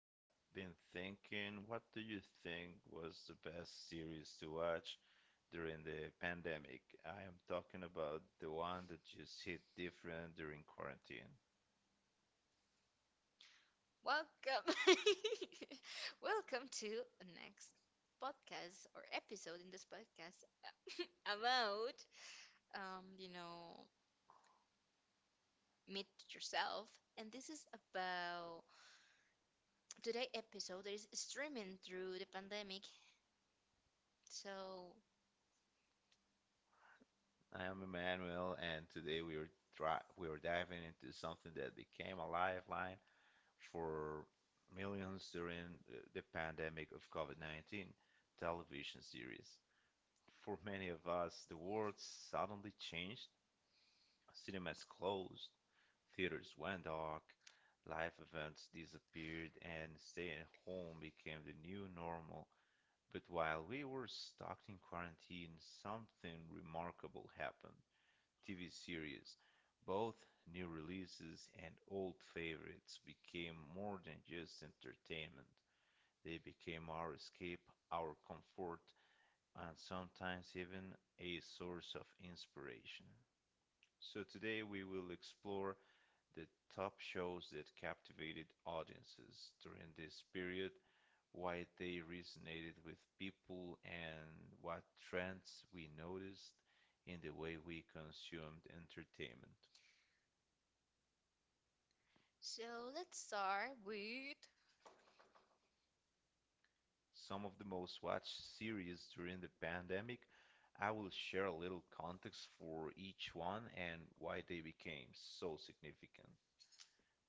I've been thinking, what do you think was the best series to watch during the pandemic? I am talking about the one that just hit different during quarantine. Welcome. Welcome to next podcast or episode in this podcast about you know meet yourself, and this is about today episode that is streaming through the pandemic. So I am Emmanuel, and today we are diving into something that became a lifeline for millions during the pandemic of COVID-19, television series. For many of us, the world suddenly changed. Cinemas closed, theaters went dark, live events disappeared, and stay at home became the new normal. But while we were stuck in quarantine, something remarkable happened. TV series, both new releases and old favorites, became more than just entertainment. They became our escape, our comfort, and sometimes even a source of inspiration. So today we will explore the top shows that captivated audiences during this period, why they resonated with people, and what trends we noticed in the way we consumed entertainment. so let's start with Some of the most watched series during the pandemic, I will share a little context for each one and why they became so significant.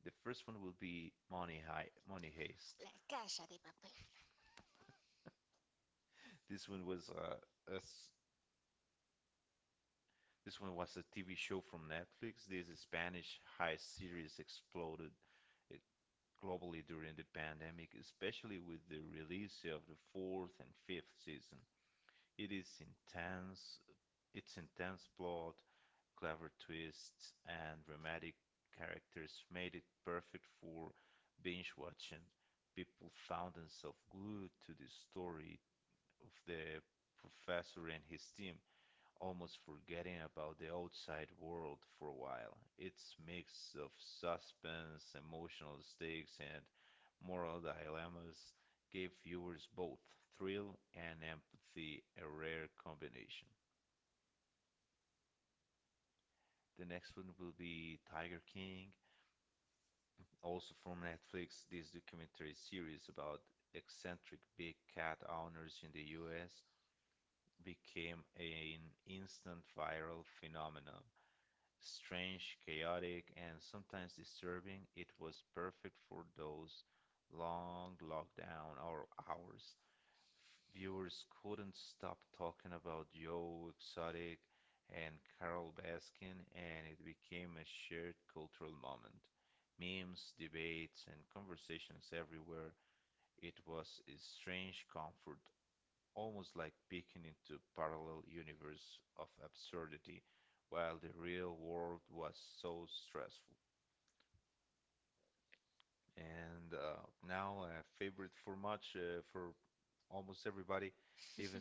The first one will be Money High, Money Heist. La Casa de Papel. This one was uh, a This one was a TV show from Netflix. This Spanish heist series exploded uh, globally during the pandemic, especially with the release of the fourth and fifth season. It is intense, its intense plot, clever twists, and dramatic characters made it perfect for binge watching. People found themselves glued to the story of the professor and his team, almost forgetting about the outside world for a while. It's mix of suspense, emotional stakes, and moral dilemmas gave viewers both thrill and empathy, a rare combination. The next one will be Tiger King. Also from Netflix, this documentary series about eccentric big cat owners in the US became an instant viral phenomenon. Strange, chaotic, and sometimes disturbing, it was perfect for those long hours. Viewers couldn't stop talking about Joe Exotic and Carol Baskin, and it became a shared cultural moment. Memes, debates, and conversations everywhere. It was a strange comfort, almost like peeking into a parallel universe of absurdity while the real world was so stressful. And now a favorite for much for almost everybody, even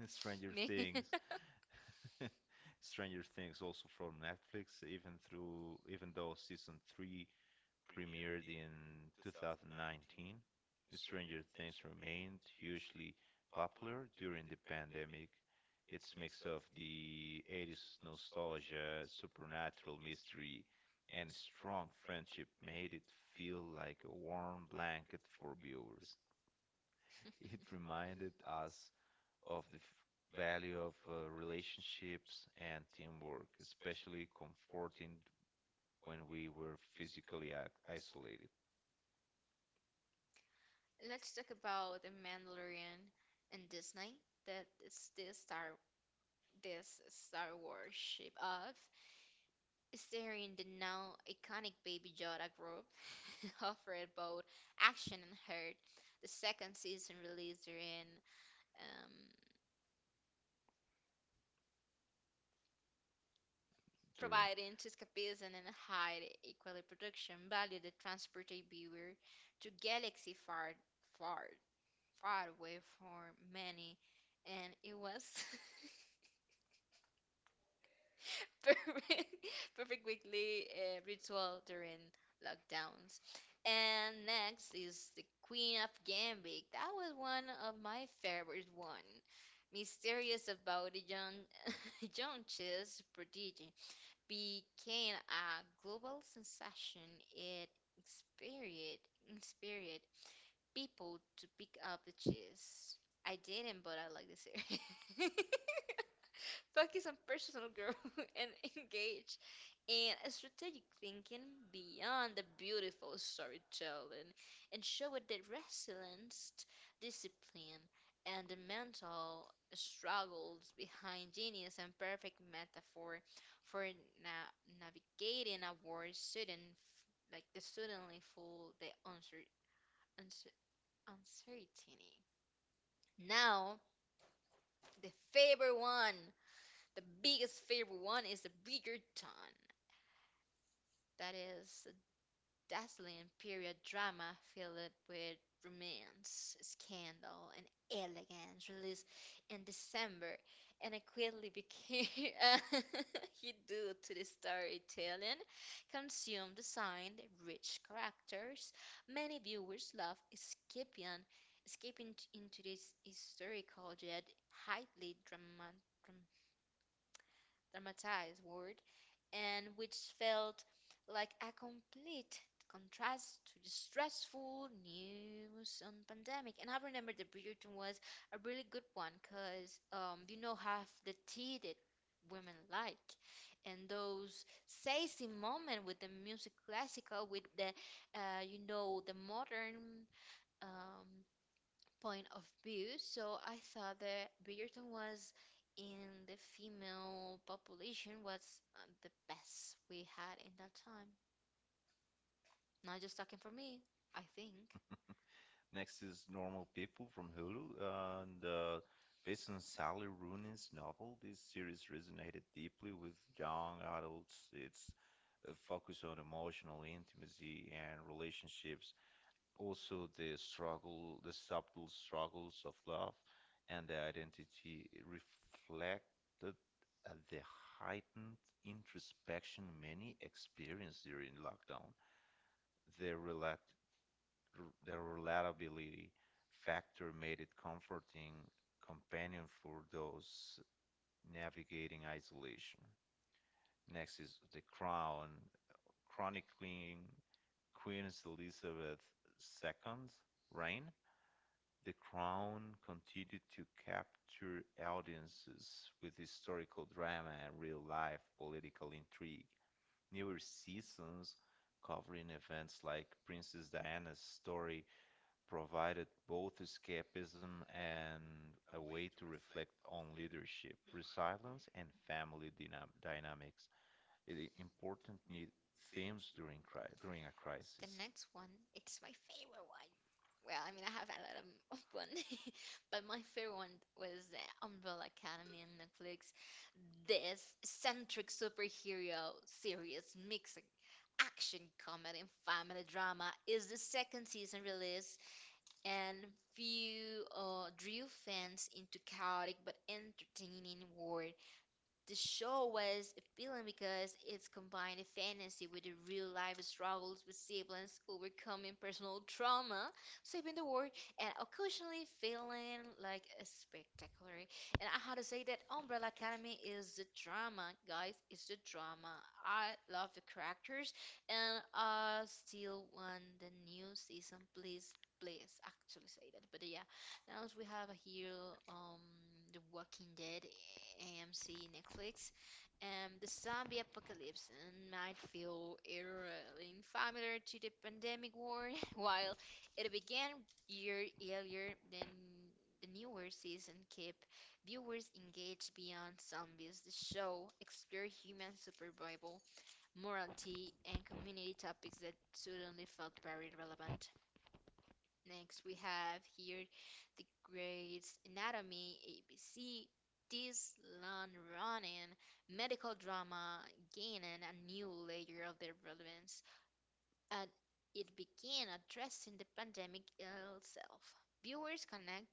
th Stranger Me. Things. Stranger Things, also from Netflix. Even though season three premiered in 2019, Stranger Things remained hugely popular during the pandemic. Its mix of the 80s nostalgia, supernatural mystery, and strong friendship made it feel like a warm blanket for viewers. It reminded us of the value of relationships and teamwork, especially comforting when we were physically isolated. Let's talk about the Mandalorian and Disney, that is this Star Wars ship of starring the now iconic Baby Yoda group offered both action and heart. The second season released in um, During providing to escapism and high equally production value that transport a viewer to galaxy far far far away for many, and it was perfect, perfect weekly ritual during lockdowns. And next is the Queen of Gambit. That was one of my favorite one. Mysterious about the young young chess prodigy became a global sensation. It inspired Inspired people to pick up the chess. I didn't, but I like the series. Focus on personal growth and engage in strategic thinking beyond the beautiful storytelling and show it the resilience, discipline, and the mental struggles behind genius and perfect metaphor for navigating a world student like the suddenly full the uncer- uncertainty. Now, the favorite one. The biggest favorite one is The Bridgerton. That is a dazzling period drama filled with romance, scandal, and elegance. Released in December, and it quickly became a hit due to the storytelling, consumed design, rich characters. Many viewers love escaping into this historical yet highly dramatized word, and which felt like a complete contrast to the stressful news on pandemic. And I remember the Bridgerton was a really good one because you know half the tea that women like, and those sassy moment with the music classical with the you know the modern um, point of view. So I thought that Bridgerton was in the female population was the best we had in that time. Not just talking for me, I think. Next is Normal People from Hulu, and based on Sally Rooney's novel, this series resonated deeply with young adults. It's a focus on emotional intimacy and relationships, also the struggle, the subtle struggles of love and the identity, reflected the heightened introspection many experienced during lockdown. The, relat- the relatability factor made it comforting companion for those navigating isolation. Next is The Crown, chronicling Queen Elizabeth II's reign. The Crown continued to capture audiences with historical drama and real life political intrigue. Newer seasons covering events like Princess Diana's story provided both escapism and a way to reflect on leadership, resilience, and dynamics, important themes during a The crisis. next one, it's my favorite one. Well, I mean, I have a lot of one, but my favorite one was the Umbrella Academy on Netflix. This eccentric superhero series mixing action, comedy, and family drama is the second season release and few drew fans into chaotic but entertaining world. The show was appealing because it combined a fantasy with the real life struggles with siblings overcoming personal trauma, saving the world, and occasionally feeling like a spectacular. And I had to say that Umbrella Academy is the drama, guys. It's the drama. I love the characters, and I still want the new season. Please, please, actually say that. But yeah, else we have here um The Walking Dead, AMC, Netflix, and the zombie apocalypse and might feel eerily familiar to the pandemic war, while it began year earlier than the newer season keep viewers engaged beyond zombies. The show explored human survival, morality, and community topics that suddenly felt very relevant. Next, we have here the grades anatomy, ABC, this long running medical drama gaining a new layer of their relevance, and it began addressing the pandemic itself. Viewers connect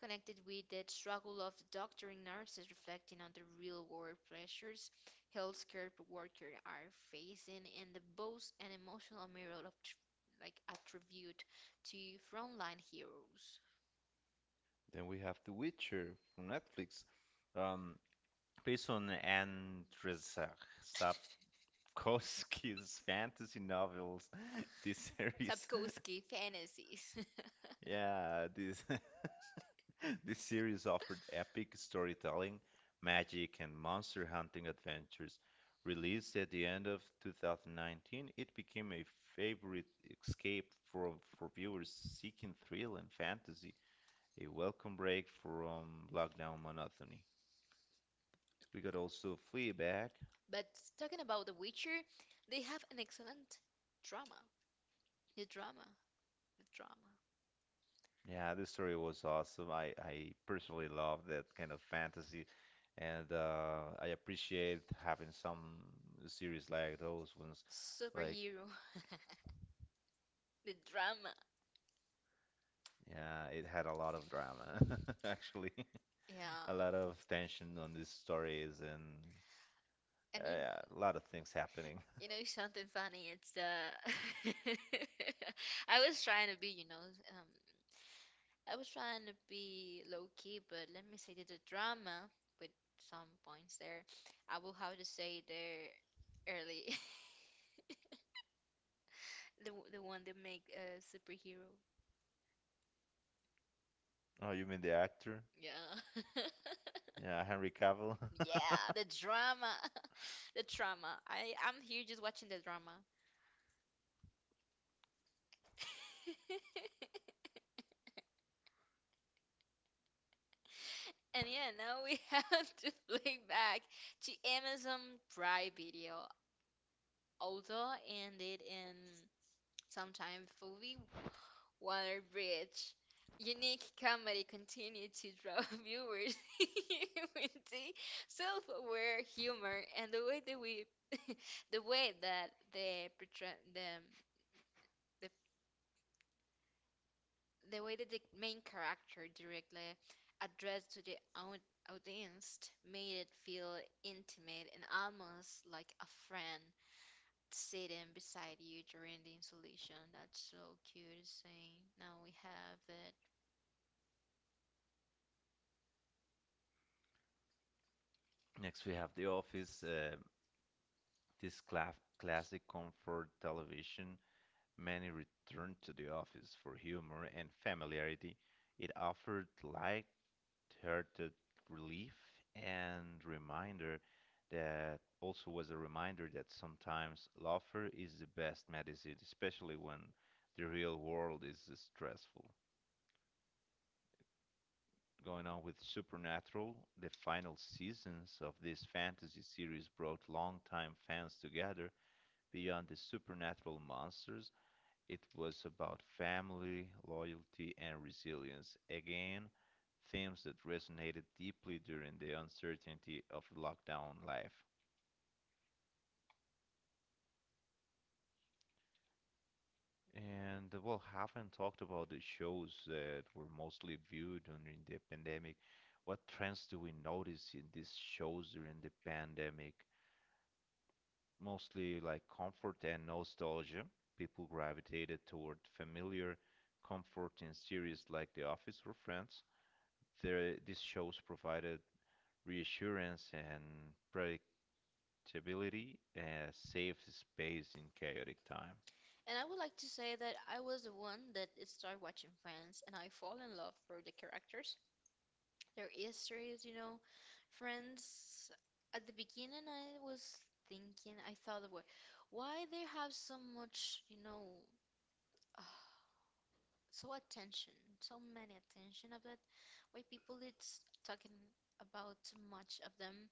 Connected with the struggle of doctors and nurses reflecting on the real world pressures healthcare workers are facing and the both an emotional mirror of like a tribute to frontline heroes. Then we have The Witcher from Netflix. Um, Besson Andrzej Sapkowski's fantasy novels. This This series, Sapkowski fantasies. yeah, this this series offered epic storytelling, magic, and monster hunting adventures. Released at the end of 2019, it became a favorite escape for for viewers seeking thrill and fantasy, a welcome break from lockdown monotony. We got also Fleabag. But talking about The Witcher, they have an excellent drama. The drama. The drama. Yeah, this story was awesome. I personally love that kind of fantasy, and I appreciate having some series like those ones. Like, Superhero. The drama. yeah, it had a lot of drama, actually. A lot Yeah. of tension on these stories, and And you, yeah, a lot of things happening. you know something funny? It's the I was trying to be, you know, um, I was trying to be low key, but let me say that the drama with some points there, I will have to say there early. The the one that make a superhero. Oh, you mean the actor? Yeah. Yeah, Henry Cavill. Yeah, the drama. The drama. I'm here just watching the drama. And yeah, now we have to play back to Amazon Prime Video. Also ended in sometime fully water bridge. Unique comedy continued to draw viewers with the self-aware humor and the way that they portray the, the way that the main character directly addressed to the audience made it feel intimate and almost like a friend sitting beside you during the installation. That's so cute saying. Now we have it. Next, we have The Office, this cla classic comfort television. Many returned to the office for humor and familiarity. It offered light-hearted relief and reminder that, also was a reminder that sometimes laughter is the best medicine, especially when the real world is stressful. Going on with Supernatural, the final seasons of this fantasy series brought longtime fans together beyond the supernatural monsters. It was about family, loyalty, and resilience. Again, themes that resonated deeply during the uncertainty of lockdown life. And well, haven't talked about the shows that were mostly viewed during the pandemic. What trends do we notice in these shows during the pandemic? Mostly like comfort and nostalgia. People gravitated toward familiar, comforting series like The Office or Friends. These shows provided reassurance and predictability, a safe space in chaotic time. And I would like to say that I was the one that started watching Friends and I fall in love for the characters. Their histories, you know. Friends at the beginning I was thinking I thought of what why they have so much, you know, so attention, so many attention of it. Why people it's talking about too much of them.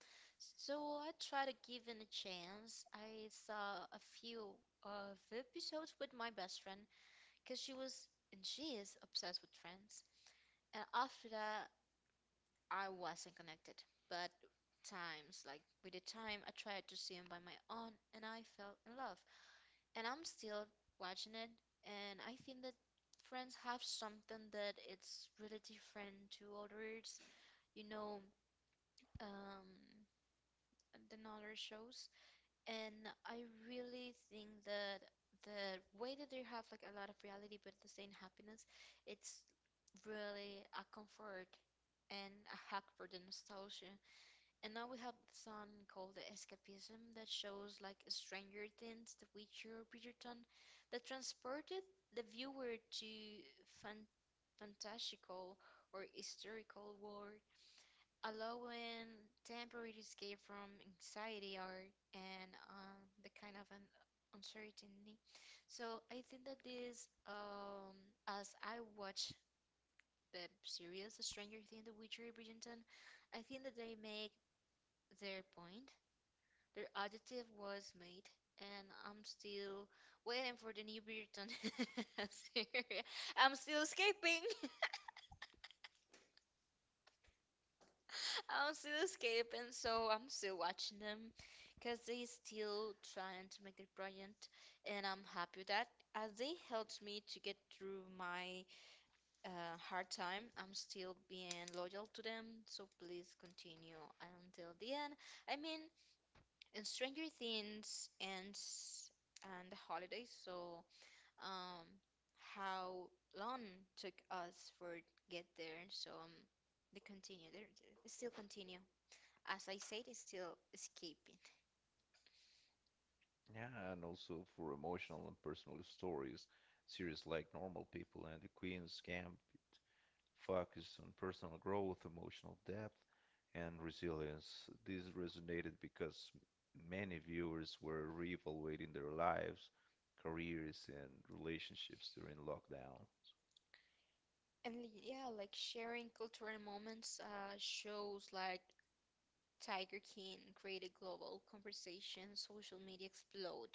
So I try to give it a chance. I saw a few of the episodes with my best friend because she was and she is obsessed with Friends. And after that, I wasn't connected. But times like with the time, I tried to see him by my own, and I fell in love and I'm still watching it, and I think that Friends have something that it's really different to others, you know, um, than other shows. And I really think that the way that they have like a lot of reality but the same happiness, it's really a comfort and a hack for the nostalgia. And now we have the son called the Escapism that shows like Stranger Things, The Witcher, Bridgerton, that transported the viewer to fan- fantastical or historical world, allowing temporary escape from anxiety or and the kind of an uncertainty. So I think that this, as I watch the series, The Stranger Things, The Witcher, Bridgerton, I think that they make their point their additive was made, and I'm still waiting for the new Burton. I'm serious. I'm still escaping. I'm still escaping, so I'm still watching them because they still trying to make their project, and I'm happy with that as they helped me to get through my hard time. I'm still being loyal to them, so please continue until the end. I mean, in Stranger Things ends and the holidays, so um, how long took us for get there. So they continue. They still continue. As I said, it's still escaping. Yeah, and also for emotional and personal stories, series like Normal People and The Queen's Gambit focus on personal growth, emotional depth, and resilience. This resonated because many viewers were reevaluating their lives, careers, and relationships during lockdown. And yeah, like sharing cultural moments shows like Tiger King created global conversation. Social media explode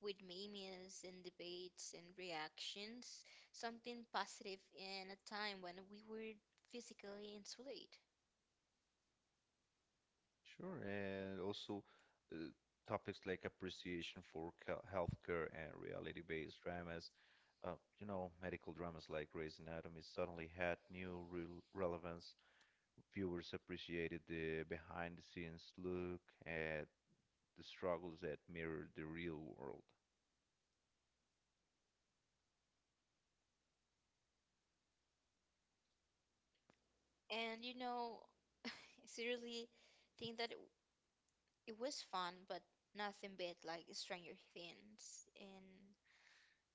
with memes and debates and reactions. Something positive in a time when we were physically insulated. Sure, and also uh, topics like appreciation for healthcare and reality-based dramas. Uh, you know, medical dramas like Grey's Anatomy suddenly had new real relevance. Viewers appreciated the behind-the-scenes look at the struggles that mirrored the real world. And you know, seriously, think that it was fun, but nothing beat like Stranger Things. And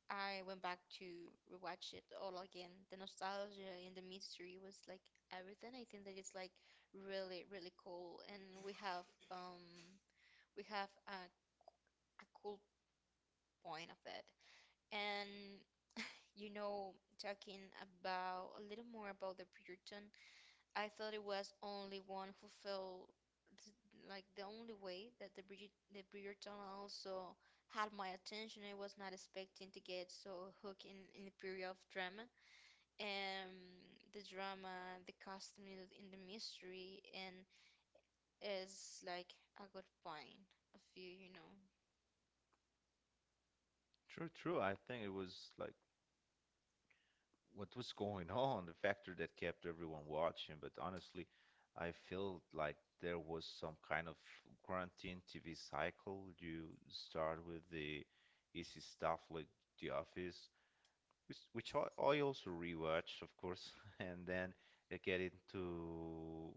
I went back to rewatch it all again. The nostalgia and the mystery was like everything. I think that it's like really, really cool. And um we have a cool point of it. And you know, talking about a little more about the Puritan, I thought it was only one who felt th- like the only way that the Bridgerton also had my attention. I was not expecting to get so hooked in the period of drama, um, the drama, the costume in the mystery, and is like a good point of view, you know. True, true. I think it was like what was going on, the factor that kept everyone watching. But honestly, I felt like there was some kind of quarantine TV cycle. You start with the easy stuff like The Office, which I also rewatch, of course, and then you get into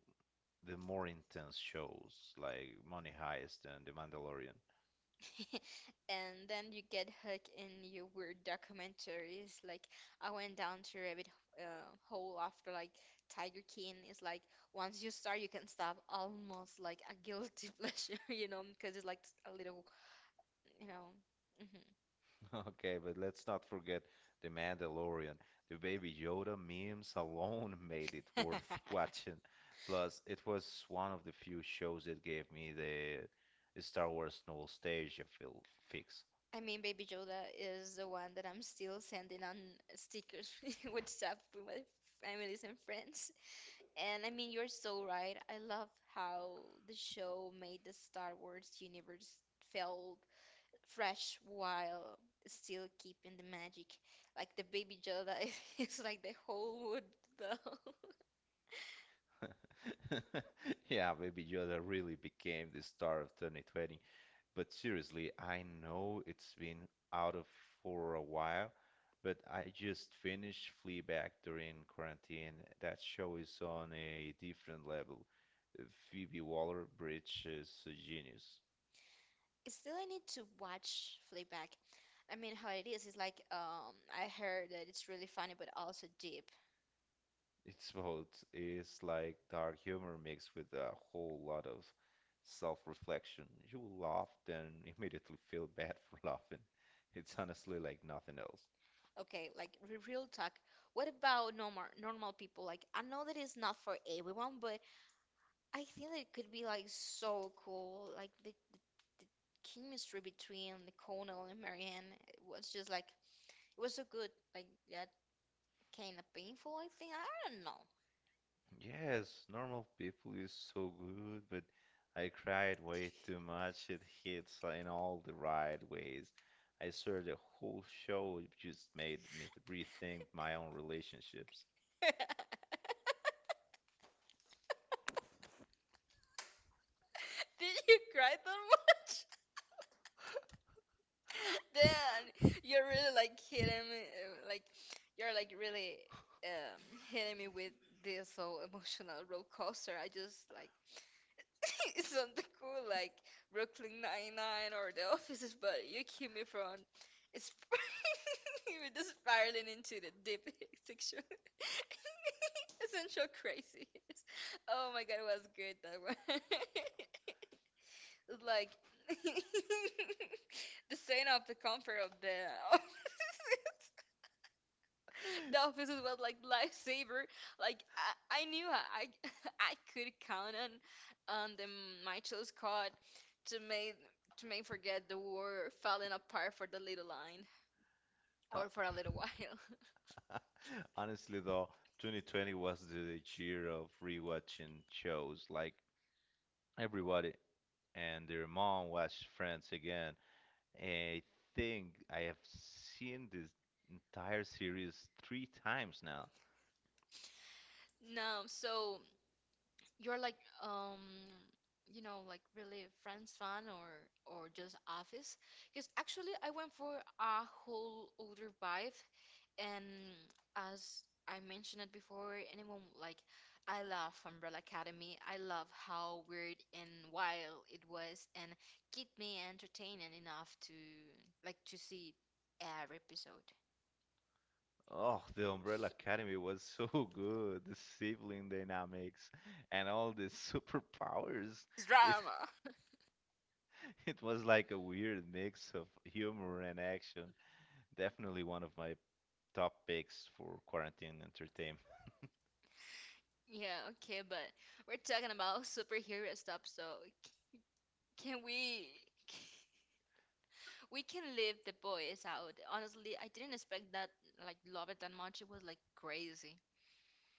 the more intense shows like Money Heist and The Mandalorian. And then you get hooked in your weird documentaries. Like I went down to rabbit hole after like Tiger King. It's like once you start, you can stop. Almost like a guilty pleasure, you know, because it's like a little, you know. Hmm. Okay, but let's not forget The Mandalorian. The Baby Yoda memes alone made it worth watching. Plus, it was one of the few shows that gave me the Star Wars nostalgia feel fix. I mean, Baby Yoda is the one that I'm still sending on stickers with stuff with my families and friends. And I mean, you're so right. I love how the show made the Star Wars universe feel fresh while still keeping the magic. Like the baby Yoda is like the whole wood though. Yeah, Baby Yoda really became the star of 2020. But seriously, I know it's been out of for a while, but I just finished Fleabag during quarantine. That show is on a different level. Uh, Phoebe Waller-Bridge is a genius. Still, I need to watch Fleabag. I mean, how it is like I heard that it's really funny but also deep. It's both. It's like dark humor mixed with a whole lot of self-reflection. You will laugh, then immediately feel bad for laughing. It's honestly like nothing else. Okay, like real talk. What about normal people? Like I know that it's not for everyone, but I think that it could be like so cool. Like the chemistry between the Connell and Marianne was just like it was so good. Like yeah, kind of painful, I think. I don't know. Yes, normal people is so good, but I cried way too much. It hits in all the right ways. I swear the whole show just made me rethink my own relationships. Did you cry that much? Damn, you're really like hitting me. Like you're like really um hitting me with this whole emotional roller coaster. I just like it's something cool like Brooklyn Nine-Nine or The Offices, but you keep me from it's you just spiraling into the deep sexual essential craziness. Oh my god, it was good that one. Like the sign of the comfort of the the office was like lifesaver. Like I knew I I could count on the my chose to make to make forget the war falling apart for the little line Uh, or for a little while. Honestly, though, 2020 was the year of rewatching shows. Like everybody and their mom watched Friends again. I think I have seen this entire series three times now. No. You're like um you know like really friends fan or just office? Because actually I went for a whole other vibe and as I mentioned it before, anyone like I love Umbrella Academy. I love how weird and wild it was and keep me entertaining enough to like to see every episode. Oh, the Umbrella Academy was so good. The sibling dynamics and all the superpowers. It's It drama. it was like a weird mix of humor and action. Definitely one of my top picks for quarantine entertainment. Yeah, okay, but we're talking about superhero stuff, so can we we can leave the boys out. Honestly, I didn't expect that like love it that much. It was like crazy.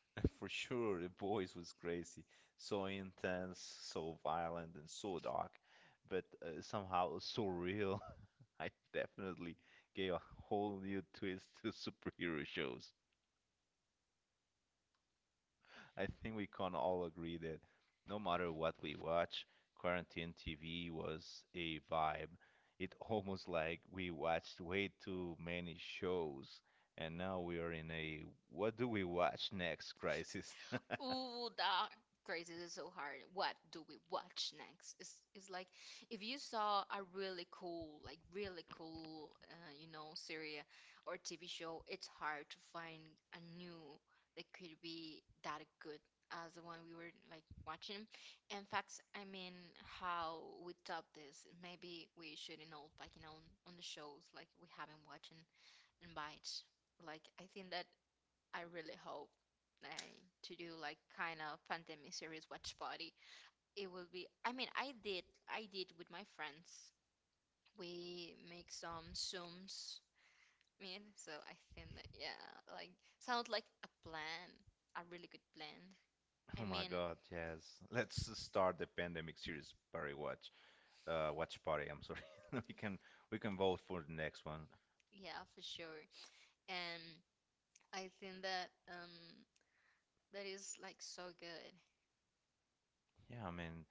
For sure, The Boys was crazy. So intense, so violent, and so dark, but somehow so real. I definitely gave a whole new twist to superhero shows. I think we can all agree that no matter what we watch, quarantine TV was a vibe. It almost like we watched way too many shows, and now we are in a what do we watch next crisis. Ooh, that crazy is so hard. What do we watch next? It's like if you saw a really cool, like really cool, series or TV show, it's hard to find a new that could be that good as the one we were like watching. In fact, I mean, how we top this, maybe we shouldn't all like on the shows like we haven't watching and bites. Like I think that I really hope uh, to do like kind of pandemic series watch party. It will be. I mean, I did. I did with my friends. We make some zooms. I mean, so I think that yeah, like sounds like a plan, a really good plan. Oh I my mean, God, yes. Let's start the pandemic series party watch. Watch party, I'm sorry. We can we can vote for the next one. yeah, for sure. And I think that that is like so good. Yeah, I mean,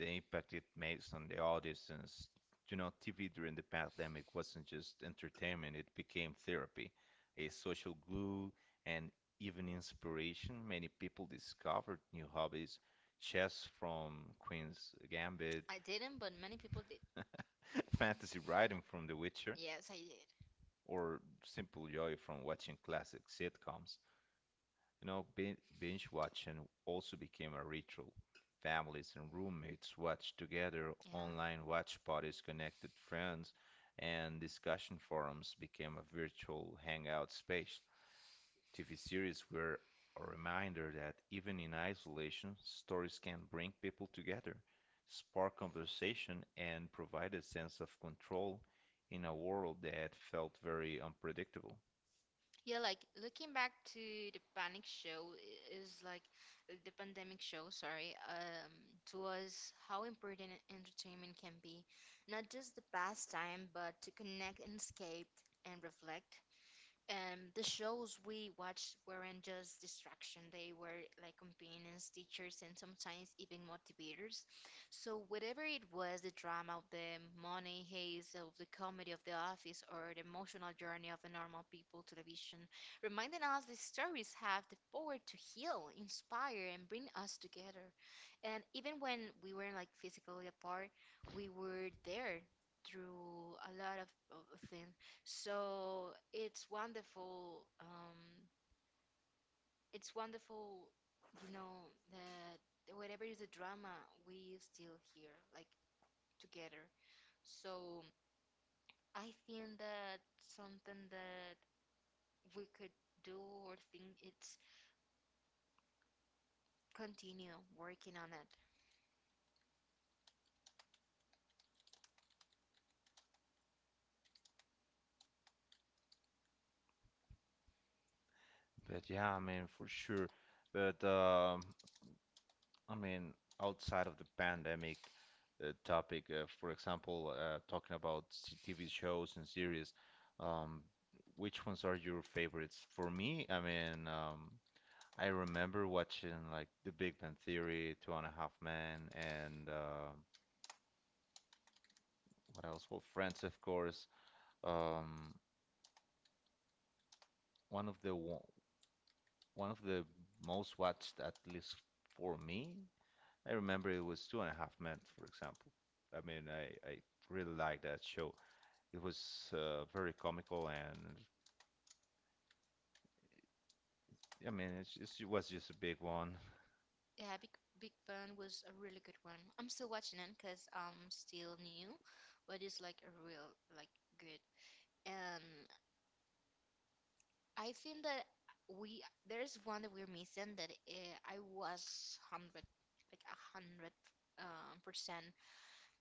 the impact it makes on the audiences. You know, TV during the pandemic wasn't just entertainment, it became therapy, a social glue, and even inspiration. Many people discovered new hobbies, chess from Queen's Gambit, I didn't, but many people did. fantasy writing from The Witcher, Yes, I did. or simple joy from watching classic sitcoms. You know, binge watching also became a ritual. Families and roommates watched Yeah. together, online watch parties connected friends, and discussion forums became a virtual hangout space. TV series were a reminder that even in isolation, stories can bring people together, spark conversation, and provide a sense of control in a world that felt very unpredictable. Yeah, like looking back to the panic show is like the pandemic show, sorry, to us how important entertainment can be, not just the pastime, but to connect and escape and reflect. The shows we watched weren't just distraction, they were like companions, teachers, and sometimes even motivators. So whatever it was, the drama of the money haze, of the comedy of the office, or the emotional journey of the normal people, television reminding us these stories have the power to heal, inspire, and bring us together, and even when we were like physically apart, we were there through a lot of things. So it's wonderful. It's wonderful, you know, that whatever is the drama, we still here, like together. So I think that something that we could do or think it's continue working on it. But yeah, I mean, for sure. But I mean, outside of the pandemic topic, for example, talking about TV shows and series, um, which ones are your favorites? For me, I mean, I remember watching like The Big Bang Theory, Two and a Half Men, and what else? Well, Friends, of course. Um, one of the wo- One of the most watched, at least for me, I remember, it was Two and a Half Men, for example. I mean, I really like that show. It was very comical, and I mean, it was just a big one. Yeah, Big Big Bang was a really good one. I'm still watching it because I'm still new, but it's like a real like good. And I think that we there's one that we're missing that I was hundred like a hundred percent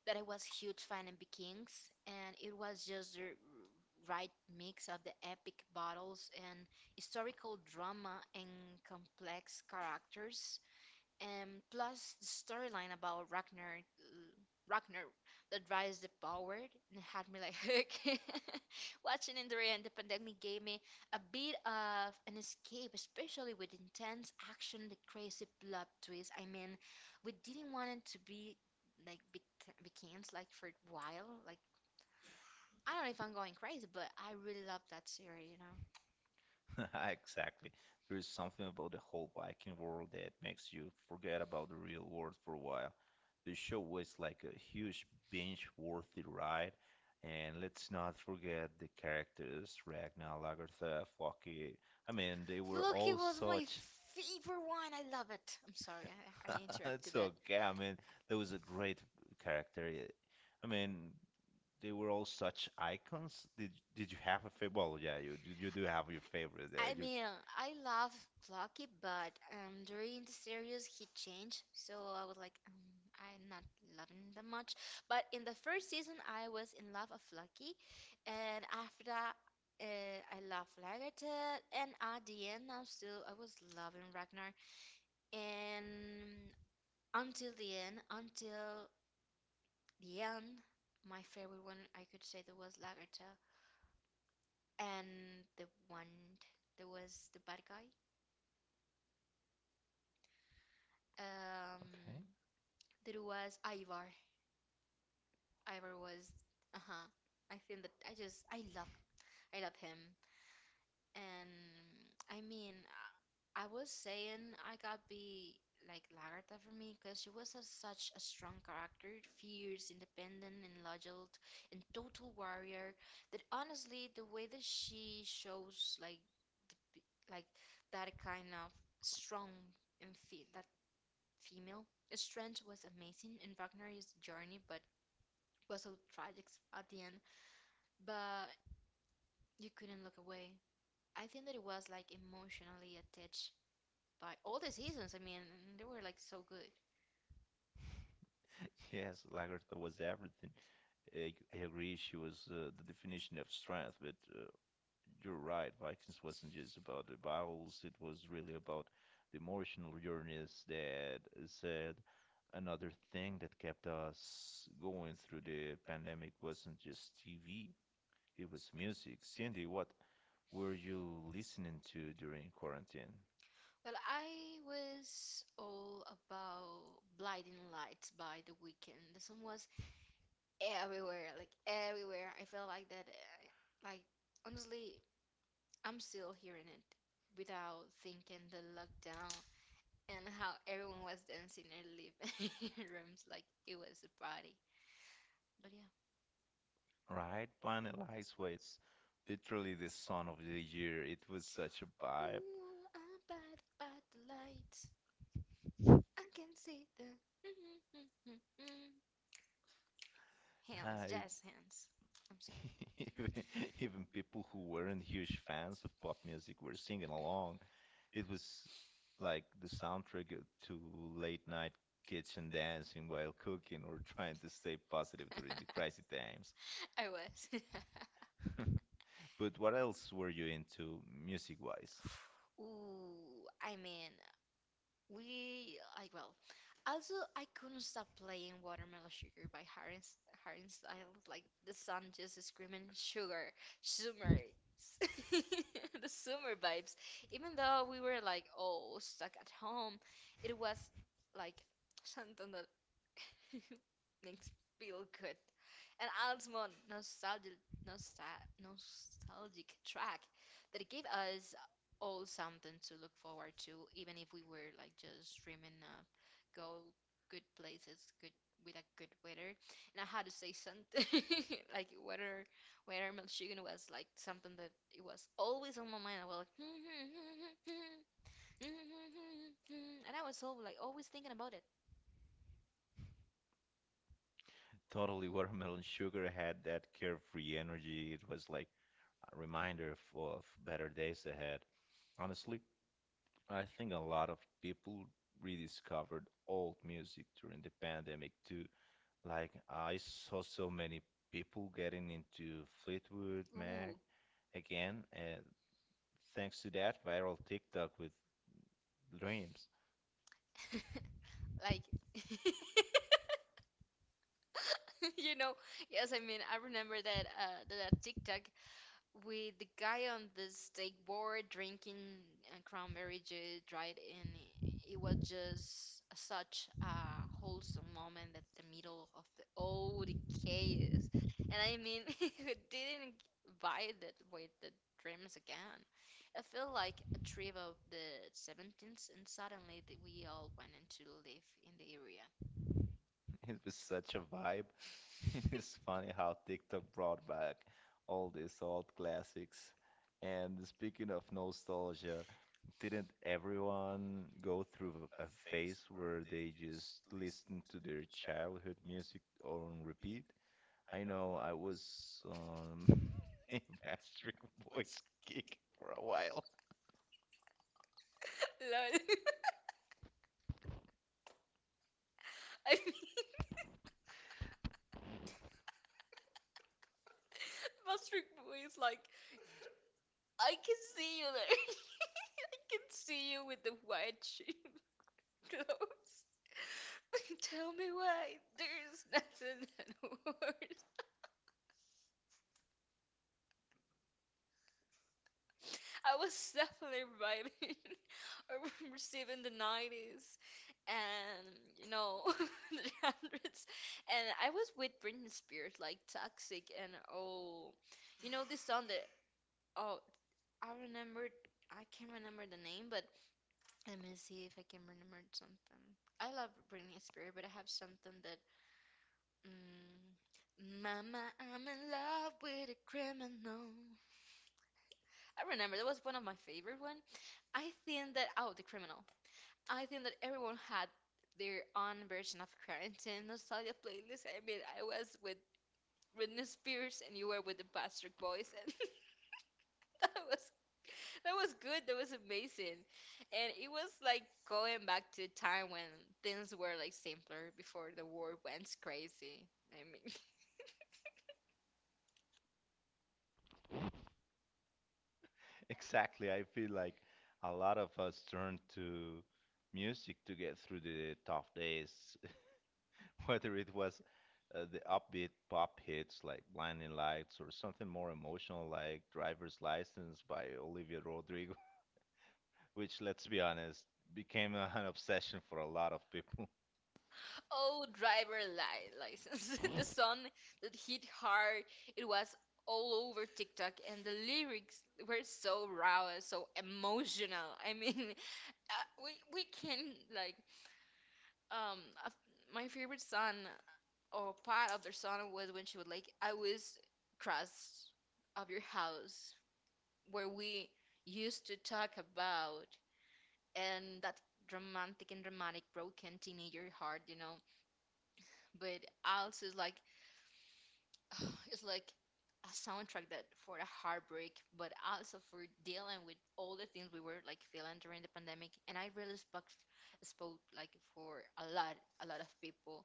that I was huge fan of Vikings, and it was just the right mix of the epic battles and historical drama and complex characters, and plus the storyline about Ragnar, Ragnar that rise the power and had me like hook. Watching Endorian the end, the pandemic gave me a bit of an escape, especially with intense action, the crazy plot twist. I mean, we didn't want it to be like becomes like for a while. Like I don't know if I'm going crazy, but I really love that series. You know, Exactly. There is something about the whole Viking world that makes you forget about the real world for a while. The show was like a huge binge-worthy ride, and let's not forget the characters Ragnar, Lagertha, Floki. I mean, they were look, it all was my such. favorite one. I love it. I'm sorry, I interrupted. It's But okay. I mean, there was a great character. I mean, they were all such icons. Did you have a favorite? Well, yeah, you do have your favorite. I You mean, I love Plucky, but during the series he changed, so I was like, I'm not loving that much. But in the first season, I was in love of Plucky, and after that, I love Lagertha, and at the end, I was loving Ragnar, and until the end, my favorite one I could say that was Lagertha, and the one that was the bad guy. Um, okay? there was Ivar. Ivar was, uh-huh. I think that I love him, and I mean, I was saying I got be like Lagarta for me because she was a, such a strong character, fierce, independent, and loyal, and total warrior. That honestly, the way that she shows like b- like that kind of strong and that female. Its strength was amazing in Ragnar's journey, but was so tragic at the end. But you couldn't look away. I think that it was like emotionally attached by all the seasons. I mean, they were like so good. Yes, Lagertha was everything. I agree. She was the definition of strength, but you're right. Vikings wasn't just about the battles, it was really about the emotional journeys. That said, another thing that kept us going through the pandemic wasn't just TV, it was music. Cindy, what were you listening to during quarantine? Well, I was all about Blinding Lights by the Weekend. The song was everywhere, like everywhere. I felt like that. Like honestly, I'm still hearing it without thinking the lockdown and how everyone was dancing in their living rooms like it was a party. But yeah. Right? Planet Lifeway, it's literally the song of the year. It was such a vibe. Ooh, I'm by the light. I can see the hands, Hi. jazz hands. I'm sorry. Even Even people who weren't huge fans of pop music were singing along. It was like the soundtrack to late night kitchen dancing while cooking or trying to stay positive during the crazy times. I was. But what else were you into music-wise? Ooh, I mean, we like well, also, I couldn't stop playing Watermelon Sugar by Harry, Harry Styles. Like the sun, just screaming sugar, summer, the summer vibes. Even though we were like all stuck at home, it was like something that makes feel good, an ultimate nostalgic, nostal nostalgic track that gave us all something to look forward to, even if we were like just dreaming of go good places, good with a good weather. And I had to say something like weather, weather Michigan was like something that it was always on my mind. I was like, and I was so like always thinking about it, Totally, Watermelon Sugar had that carefree energy. It was like a reminder of better days ahead. Honestly, I think a lot of people rediscovered old music during the pandemic too. Like, I saw so many people getting into Fleetwood Mac again, and thanks to that viral TikTok with Dreams. like. You know, yes, I mean, I remember that that TikTok with the guy on the steak board drinking cranberry juice, right? And it was just such a wholesome moment at the middle of the old chaos. And I mean, who didn't buy that with the dreams again? I feel like a trip of the 17th, and suddenly we all went into live in the area. It was such a vibe. It is funny how TikTok brought back all these old classics. And speaking of nostalgia, didn't everyone go through a phase where they just listened to their childhood music on repeat? I know I was on a Backstreet Boys kick for a while. Lol. I mean, Mustard Boy is like, I can see you there. I can see you with the white sheet clothes. Tell me why there's nothing that works. I was definitely vibing receiving the 90s, and you know the hundreds, and I was with Britney Spears like Toxic, and oh, you know, this song that oh I remember I can't remember the name, but let me see if I can remember something. I love Britney Spears, but I have something that mm, mama, I'm in love with a criminal. I remember that was one of my favorite one. I think that oh, the criminal. I think that everyone had their own version of quarantine nostalgia playlist. I mean, I was with Britney Spears, and you were with the Bastard Boys, and that was that was good. That was amazing, and it was like going back to a time when things were like simpler before the world went crazy. I mean, Exactly, I feel like a lot of us turned to music to get through the tough days, whether it was the upbeat pop hits like Blinding Lights or something more emotional like Driver's License by Olivia Rodrigo, which, let's be honest, became an obsession for a lot of people. oh, driver license, the song that hit hard. It was all over TikTok, and the lyrics were so raw, so emotional. I mean, uh, we can like um uh, my favorite song or part of their song was when she was like I was cross of your house where we used to talk about, and that romantic and dramatic broken teenager heart, you know. But I also like it's like a soundtrack that for the heartbreak, but also for dealing with all the things we were like feeling during the pandemic. And I really spoke spoke like for a lot of people.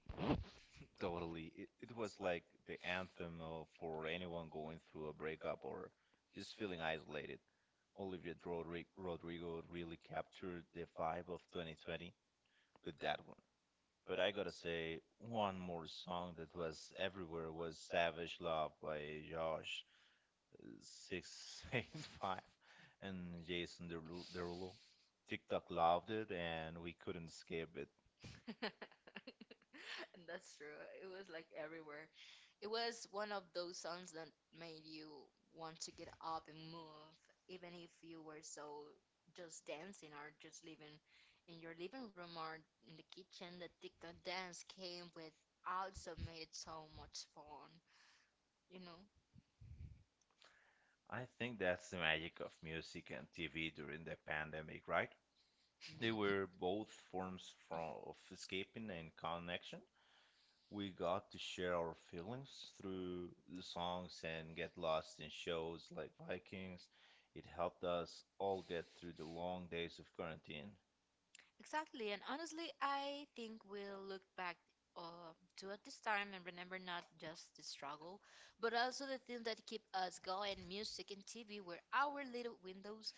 Totally. It was like the anthem for anyone going through a breakup or just feeling isolated. Rodrigo really captured the vibe of 2020 with that one. But I gotta say, one more song that was everywhere was Savage Love by Josh 685 and Jason Derulo. Derulo. TikTok loved it and we couldn't escape it. And that's true. It was like everywhere. It was one of those songs that made you want to get up and move, even if you were so just dancing or just living in your living room or in the kitchen. The TikTok dance came with also made it so much fun, you know? I think that's the magic of music and TV during the pandemic, right? They were both forms of escaping and connection. We got to share our feelings through the songs and get lost in shows like Vikings. It helped us all get through the long days of quarantine. Exactly, and honestly, I think we'll look back uh, to at this time and remember not just the struggle, but also the things that keep us going. Music and TV were our little windows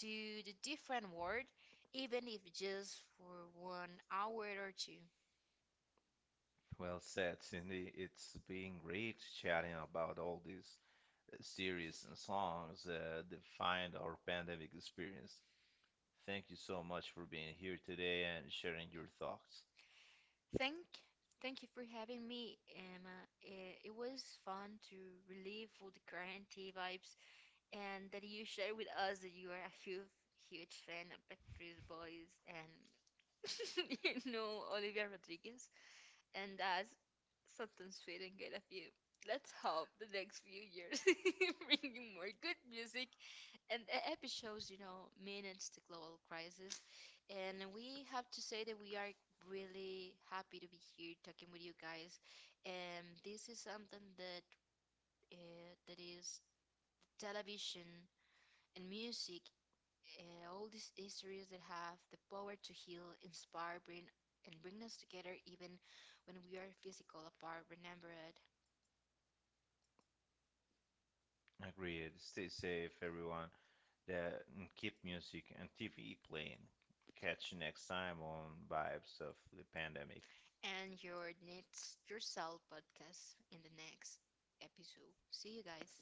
to the different world, even if just for 1 hour or two. Well said, Cindy. It's been great chatting about all these series and songs that defined our pandemic experience. Thank you so much for being here today and sharing your thoughts. Thank, thank you for having me, Emma. It was fun to relive all the quarantine vibes and that you share with us that you are a huge, huge fan of Backstreet Boys and you know Olivia Rodriguez, and as something's fading kind of you. Let's hope the next few years bring you more good music and the epic shows, you know, manage the global crisis. And we have to say that we are really happy to be here talking with you guys. And this is something that that is television and music, all these histories that have the power to heal, inspire, bring, and bring us together even when we are physical apart. Remember it. Agreed. Stay safe, everyone. That and keep music and TV playing. Catch you next time on Vibes of the Pandemic. And your next yourself podcast in the next episode. See you guys.